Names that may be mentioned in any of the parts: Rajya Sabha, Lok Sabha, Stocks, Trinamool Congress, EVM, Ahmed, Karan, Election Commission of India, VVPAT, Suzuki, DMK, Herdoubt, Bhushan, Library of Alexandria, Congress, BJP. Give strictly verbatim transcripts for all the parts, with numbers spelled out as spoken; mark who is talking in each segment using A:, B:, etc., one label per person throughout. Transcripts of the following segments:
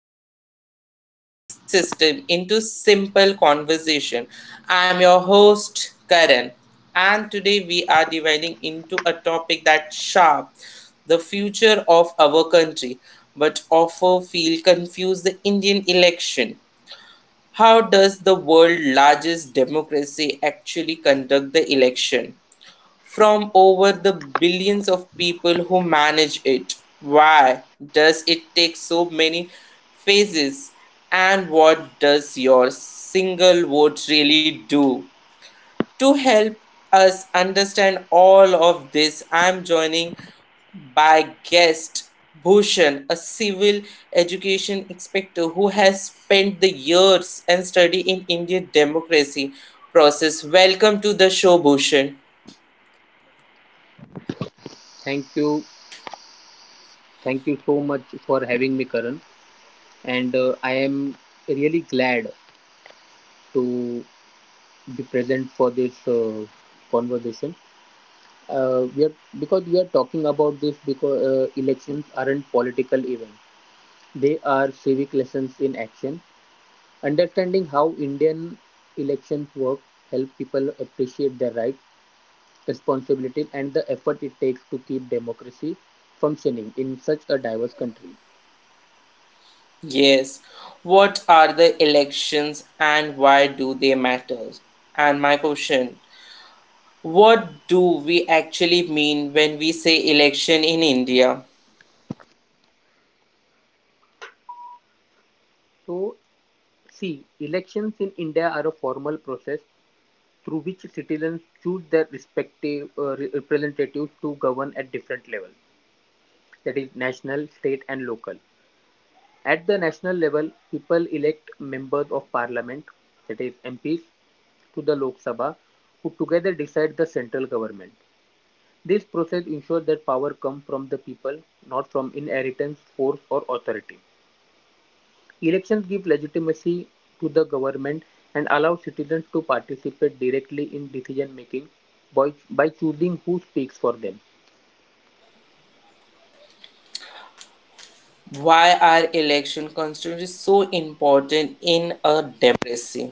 A: where we break down the big system into simple conversation. I'm your host Karan, and today we are dividing into a topic that's sharp, the future of our country but often feel confused the Indian election. How does the world's largest democracy actually conduct the election? From over the billions of people who manage it. Why does it take so many phases? And what does your single vote really do? To help us understand all of this, I am joining by guest Bhushan, a civil education inspector who has spent the years and study in Indian democracy process. Welcome to the show, Bhushan.
B: Thank you. Thank you so much for having me, Karan. And uh, I am really glad to be present for this uh, conversation. Uh, we are because we are talking about this because uh, elections aren't political events; they are civic lessons in action. Understanding how Indian elections work help people appreciate their rights, responsibilities, and the effort it takes to keep democracy functioning in such a diverse country.
A: Yes. What are the elections and why do they matter? And my question, what do we actually mean when we say election in India?
B: So See, elections in India are a formal process through which citizens choose their respective uh, representatives to govern at different levels, that is, national, state, and local. At the national level, people elect members of parliament, that is, M Ps, to the Lok Sabha, who together decide the central government. This process ensures that power comes from the people, not from inheritance, force, or authority. Elections give legitimacy to the government and allow citizens to participate directly in decision making by, by choosing who speaks for them.
A: Why are election constantly so important in a democracy?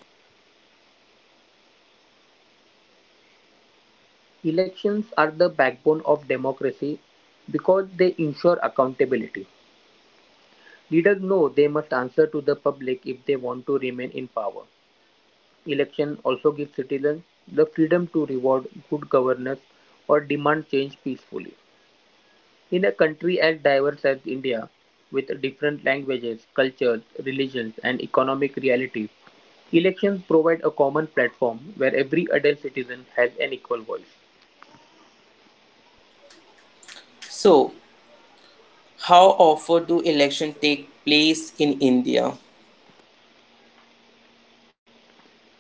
B: Elections are the backbone of democracy because they ensure accountability. Leaders know they must answer to the public if they want to remain in power. Election also gives citizens the freedom to reward good governance or demand change peacefully. In a country as diverse as India, with different languages, cultures, religions, and economic realities, elections provide a common platform where every adult citizen has an equal voice.
A: So how often do election take place in India?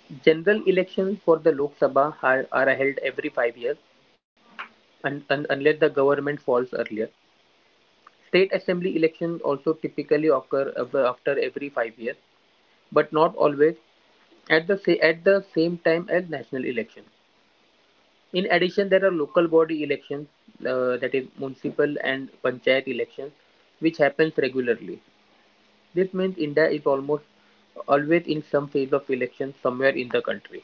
B: General elections for the Lok Sabha are, are held every five years and and unless the government falls earlier. State assembly elections also typically occur after every five years, but not always at the, at the same time as national elections. In addition, there are local body elections, uh, that is municipal and panchayat elections, which happens regularly. This means India is almost always in some phase of election somewhere in the country.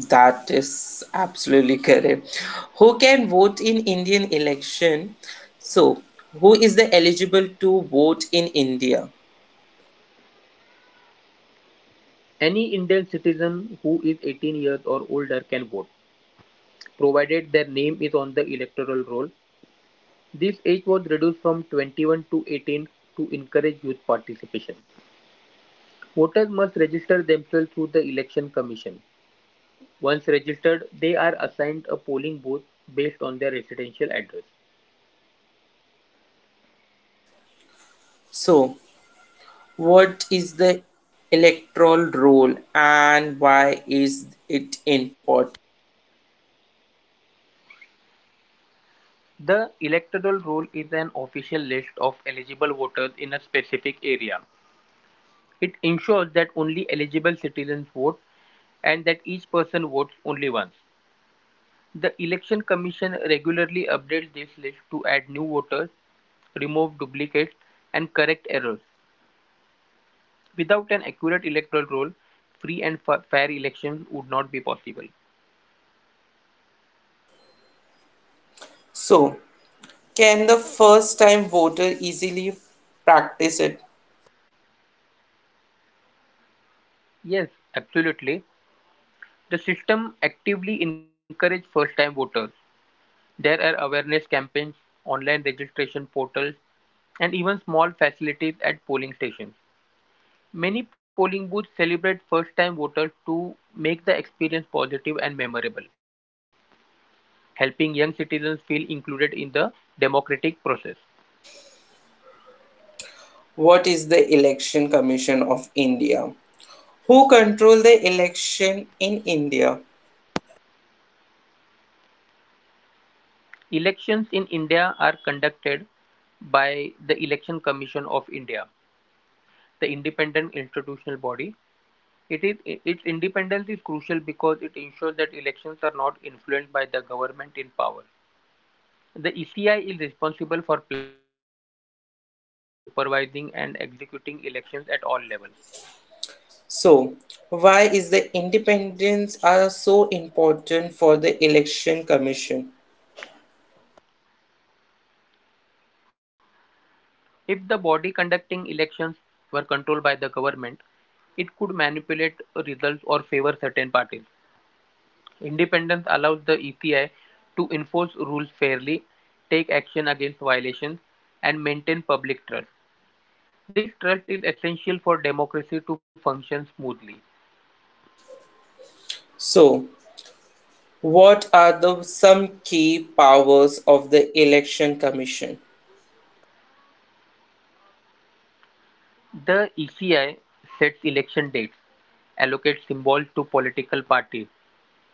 A: That is absolutely correct. Who can vote in Indian election? So who is the eligible to vote in India?
B: Any Indian citizen who is eighteen years or older can vote, provided their name is on the electoral roll. This age was reduced from twenty-one to eighteen to encourage youth participation. Voters must register themselves through the Election Commission. Once registered, they are assigned a polling booth based on their residential address.
A: So what is the electoral roll and why is it important?
B: The electoral roll is an official list of eligible voters in a specific area. It ensures that only eligible citizens vote and that each person votes only once. The Election Commission regularly updates this list to add new voters, remove duplicates, and correct errors. Without an accurate electoral roll, free and fair elections would not be possible.
A: So can the first time voter easily practice it?
B: Yes, absolutely. The system actively encourages first-time voters; there are awareness campaigns, online registration portals, and even small facilities at polling stations. Many polling booths celebrate first-time voters to make the experience positive and memorable, helping young citizens feel included in the democratic process.
A: What is the Election Commission of India? Who control the election in India?
B: Elections in India are conducted by the Election Commission of India, the independent institutional body. It is Its independence is crucial because it ensures that elections are not influenced by the government in power. The E C I is responsible for planning, supervising and executing elections at all levels.
A: So, why is the independence are so important for the election commission?
B: If the body conducting elections were controlled by the government, it could manipulate results or favor certain parties. Independence allows the E C I to enforce rules fairly, take action against violations, and maintain public trust. This trust is essential for democracy to function smoothly.
A: So, what are the some key powers of the election commission?
B: The E C I sets election dates, allocates symbols to political parties,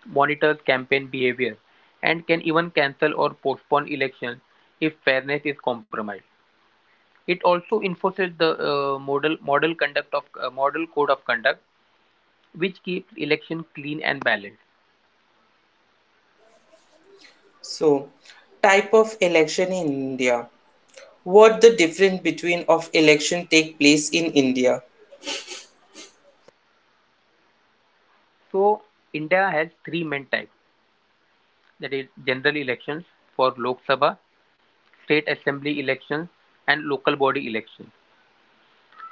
B: monitors campaign behavior, and can even cancel or postpone elections if fairness is compromised. It also enforces the uh, model model conduct of uh, model code of conduct, which keeps election clean and balanced.
A: So, type of election in India. What the difference between of election take place in India?
B: So India has three main types, that is general elections for Lok Sabha, state assembly elections, and local body elections.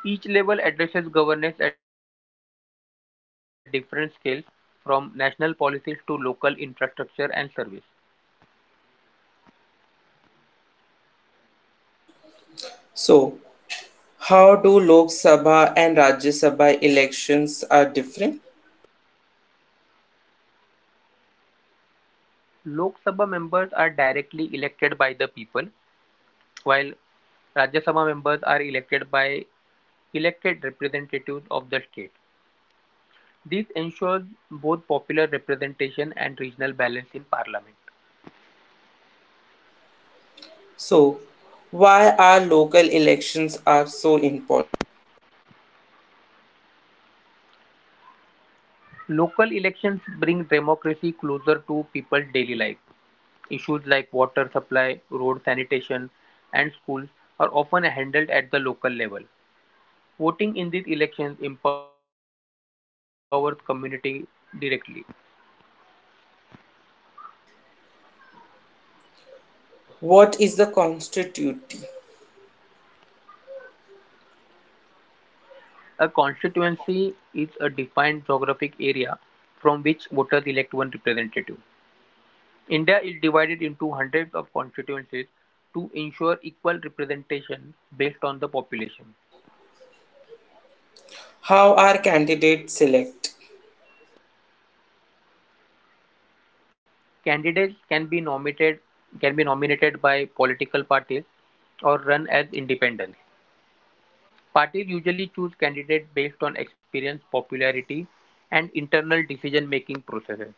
B: Each level addresses governance at different scales, from national policies to local infrastructure and service.
A: So, how do Lok Sabha and Rajya Sabha elections are different?
B: Lok Sabha members are directly elected by the people, while Rajya Sabha members are elected by elected representatives of the state. This ensures both popular representation and regional balance in parliament.
A: So, why are local elections are so important?
B: Local elections bring democracy closer to people's daily life. Issues like water supply, road sanitation, and schools are often handled at the local level. Voting in these elections empowers community directly.
A: What is the constituency?
B: A constituency is a defined geographic area from which voters elect one representative. India is divided into hundreds of constituencies to ensure equal representation based on the population.
A: How are candidates select?
B: Candidates can be nominated can be nominated by political parties or run as independents. Parties usually choose candidates based on experience, popularity, and internal decision-making processes.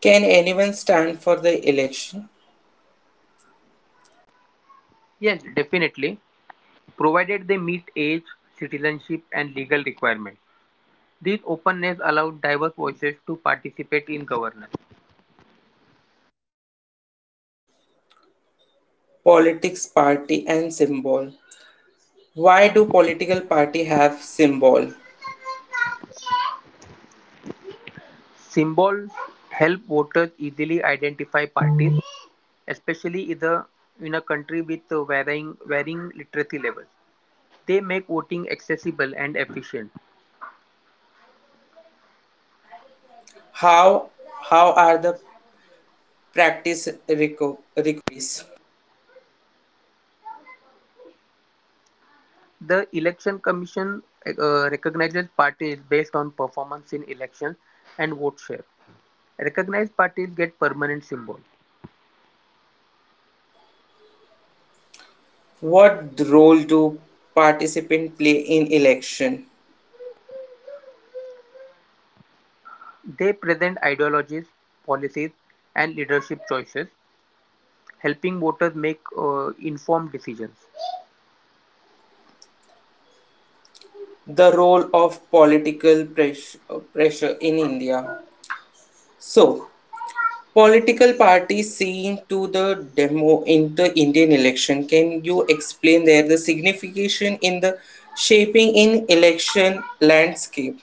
A: Can anyone stand for the election?
B: Yes, definitely, provided they meet age, citizenship, and legal requirements. This openness allows diverse voices to participate in governance.
A: Politics, party and symbol. Why do political party have symbol?
B: Symbols help voters easily identify parties, especially in a, in a country with varying, varying literacy levels. They make voting accessible and efficient.
A: How how are the practice reco- requirements?
B: The Election Commission uh, recognizes parties based on performance in elections and vote share. Recognized parties get permanent symbols.
A: What role do participant play in election?
B: They present ideologies, policies, and leadership choices, helping voters make uh, informed decisions.
A: The role of political press- pressure in India. So, political parties seeing to the demo in the Indian election. Can you explain there the signification in the shaping in election landscape?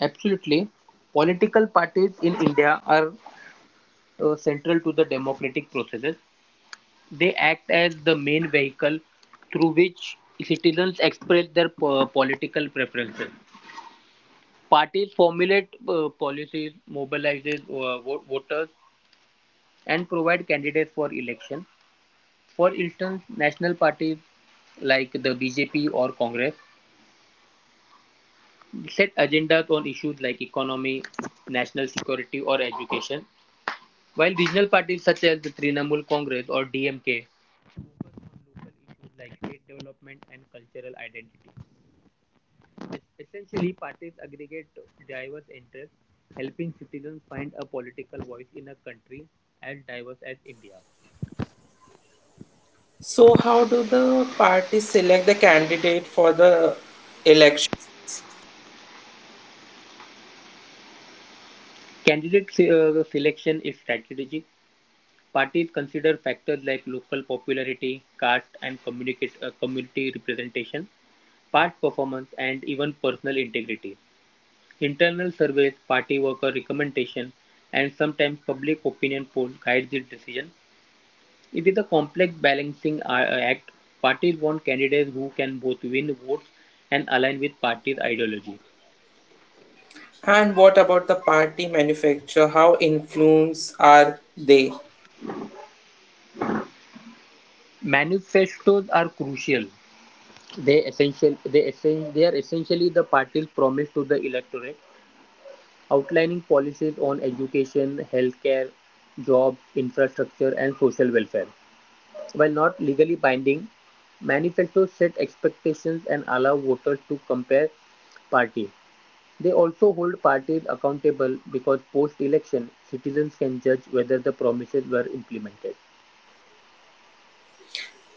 B: Absolutely, political parties in India are uh, central to the democratic processes. They act as the main vehicle through which citizens express their po- political preferences. Parties formulate uh, policies, mobilizes uh, vo- voters, and provide candidates for election. For instance, national parties like the B J P or Congress set agendas on issues like economy, national security, or education, while regional parties such as the Trinamool Congress or D M K issues like state development and cultural identity. Essentially, parties aggregate diverse interests, helping citizens find a political voice in a country as diverse as India.
A: So, how do the parties select the candidate for the elections?
B: Candidate se- uh, selection is strategic. Parties consider factors like local popularity, caste, and communicate, uh, community representation, part performance, and even personal integrity. Internal surveys, party worker recommendation, and sometimes public opinion polls guide this decision. It is a complex balancing act. Parties want candidates who can both win votes and align with party's ideology.
A: And what about the party manufacture? How influence are they?
B: Manifestos are crucial. They essential they essen- they are essentially the party's promise to the electorate, outlining policies on education, healthcare, jobs, infrastructure, and social welfare. While not legally binding, manifestos set expectations and allow voters to compare parties. They also hold parties accountable because post-election, citizens can judge whether the promises were implemented.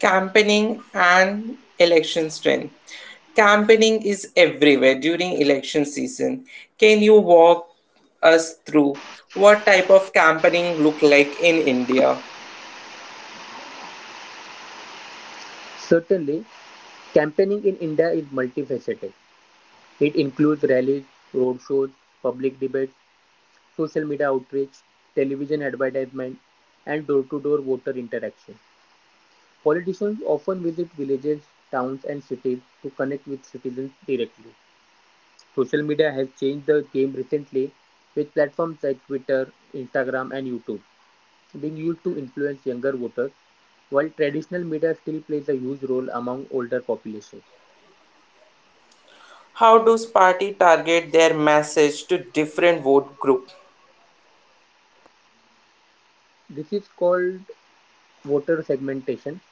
A: Campaigning and election trend. Campaigning is everywhere during election season. Can you walk us through what type of campaigning look like in India?
B: Certainly, campaigning in India is multifaceted. It includes rallies, roadshows, public debates, social media outreach, television advertisement, and door to door voter interaction. Politicians often visit villages, towns, and cities to connect with citizens directly. Social media has changed the game recently, with platforms like Twitter, Instagram, and YouTube being used to influence younger voters, while traditional media still plays a huge role among older populations.
A: How does party target their message to different vote group?
B: This is called voter segmentation.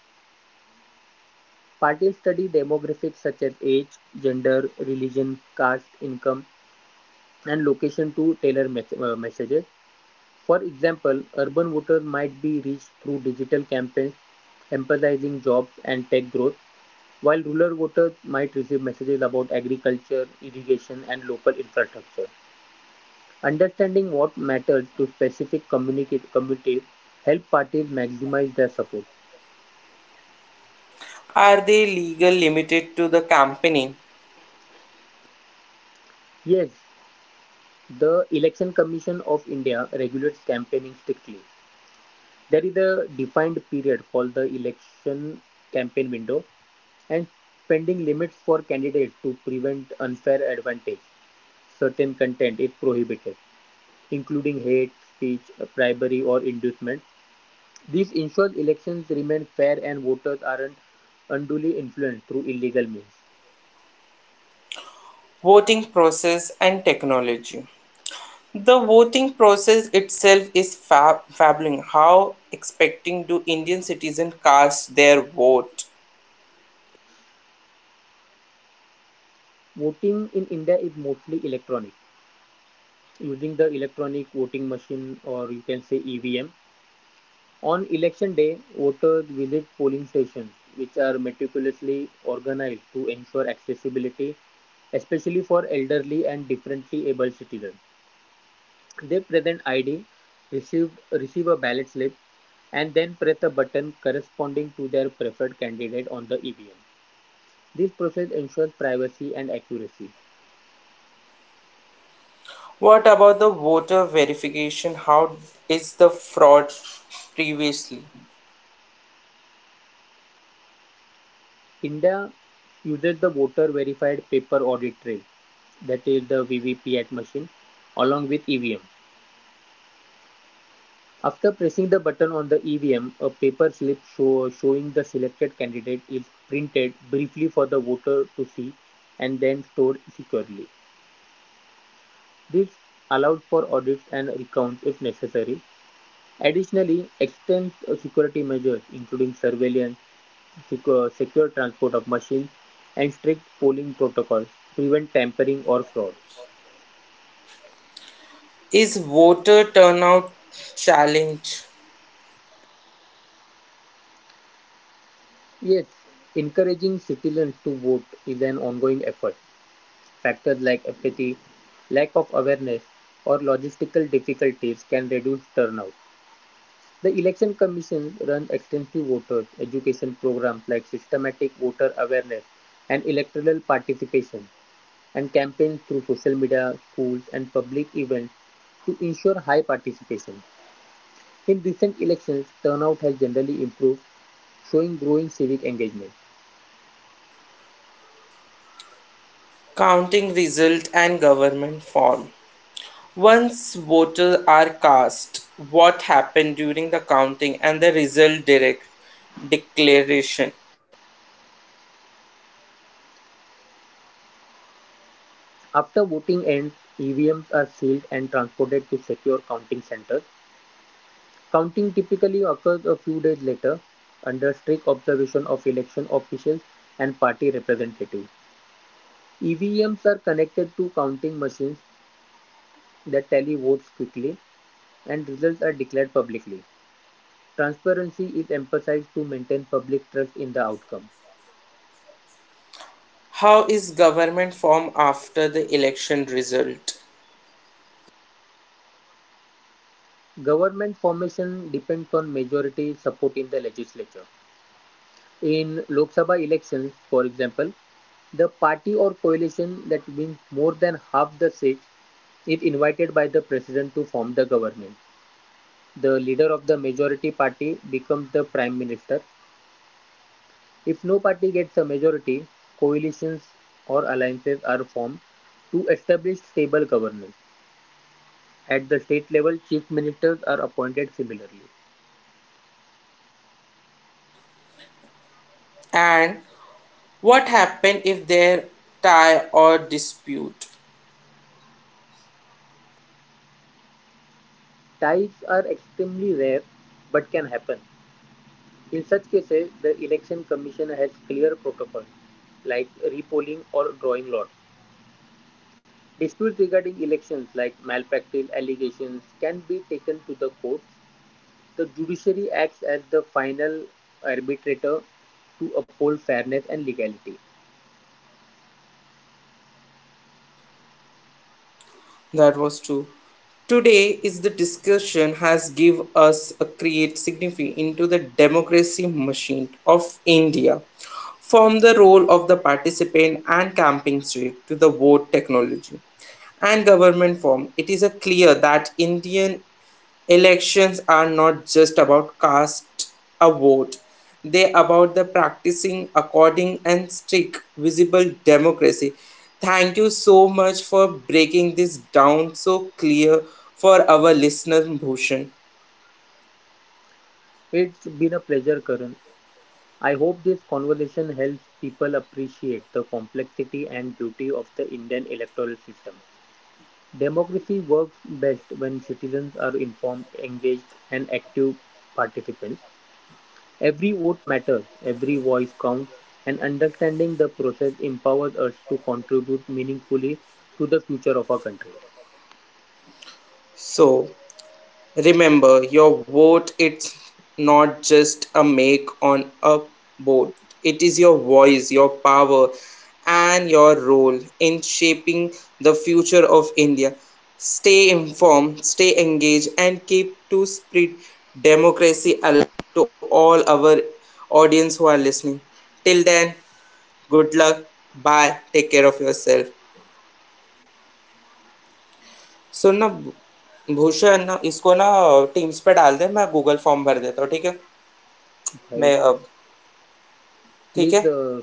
B: Parties study demographics such as age, gender, religion, caste, income, and location to tailor mes- uh, messages. For example, urban voters might be reached through digital campaigns emphasizing jobs and tech growth, while rural voters might receive messages about agriculture, irrigation, and local infrastructure. Understanding what matters to specific communities helps parties maximize their support.
A: Are they legal limited to the campaigning,
B: Yes, the Election Commission of India regulates campaigning strictly. There is a defined period called the election campaign window and spending limits for candidates to prevent unfair advantage. Certain content is prohibited, including hate speech, bribery, or inducement. This ensures elections remain fair and voters aren't unduly influenced through illegal means.
A: voting process and technology? The voting process itself is fab- fabuling. How expecting do Indian citizens cast their vote?
B: Voting in India is mostly electronic, using the electronic voting machine or you can say E V M. On election day, voters visit polling stations, which are meticulously organized to ensure accessibility, especially for elderly and differently abled citizens. They present I D, receive, receive a ballot slip, and then press a button corresponding to their preferred candidate on the E V M. This process ensures privacy and accuracy.
A: What about the voter verification? How is the fraud previously?
B: India uses the voter verified paper audit trail, that is the V V P A T machine, along with E V M. After pressing the button on the E V M, a paper slip show, showing the selected candidate is printed briefly for the voter to see and then stored securely. This allowed for audits and recounts if necessary. Additionally, extensive security measures, including surveillance, secure, secure transport of machines, and strict polling protocols, prevent tampering or fraud.
A: Is voter turnout challenge
B: Yes, encouraging citizens to vote is an ongoing effort. Factors like apathy, lack of awareness, or logistical difficulties can reduce turnout. The Election Commission runs extensive voter education programs like systematic voter awareness and electoral participation, and campaigns through social media, schools, and public events to ensure high participation. In recent elections, turnout has generally improved, showing growing civic engagement.
A: counting result and government form? Once voters are cast, what happened during the counting and the result direct declaration?
B: After voting ends, E V Ms are sealed and transported to secure counting centers. Counting typically occurs a few days later, under strict observation of election officials and party representatives. E V Ms are connected to counting machines that tally votes quickly, and results are declared publicly. Transparency is emphasized to maintain public trust in the outcome.
A: How is government form after the election result?
B: Government formation depends on majority support in the legislature. In Lok Sabha elections, for example, the party or coalition that wins more than half the seats is invited by the president to form the government. The leader of the majority party becomes the prime minister. If no party gets a majority, coalitions or alliances are formed to establish stable governance. At the state level, chief ministers are appointed similarly.
A: And what happened if there tie or dispute?
B: Ties are extremely rare but can happen. In such cases, the election commission has clear protocols like repolling or drawing lots. Disputes regarding elections, like malpractice allegations, can be taken to the courts. The judiciary acts as the final arbitrator to uphold fairness and legality.
A: That was true. Today is the discussion has give us a create significant into the democracy machine of India. From the role of the participant and camping state to the vote technology and government form, it is a clear that Indian elections are not just about cast a vote. They about the practicing according and strict visible democracy. Thank you so much for breaking this down so clear for our listeners Bhushan.
B: It's been a pleasure, Karan. I hope this conversation helps people appreciate the complexity and beauty of the Indian electoral system. Democracy works best when citizens are informed, engaged, and active participants. Every vote matters, every voice counts, and understanding the process empowers us to contribute meaningfully to the future of our country.
A: So remember, your vote it's not just a make on a board. It is your voice, your power and your role in shaping the future of India. Stay informed, stay engaged and keep to spread democracy alive to all our audience who are listening. Till then, good luck. Bye. Take care of yourself. So
B: भाई, please uh,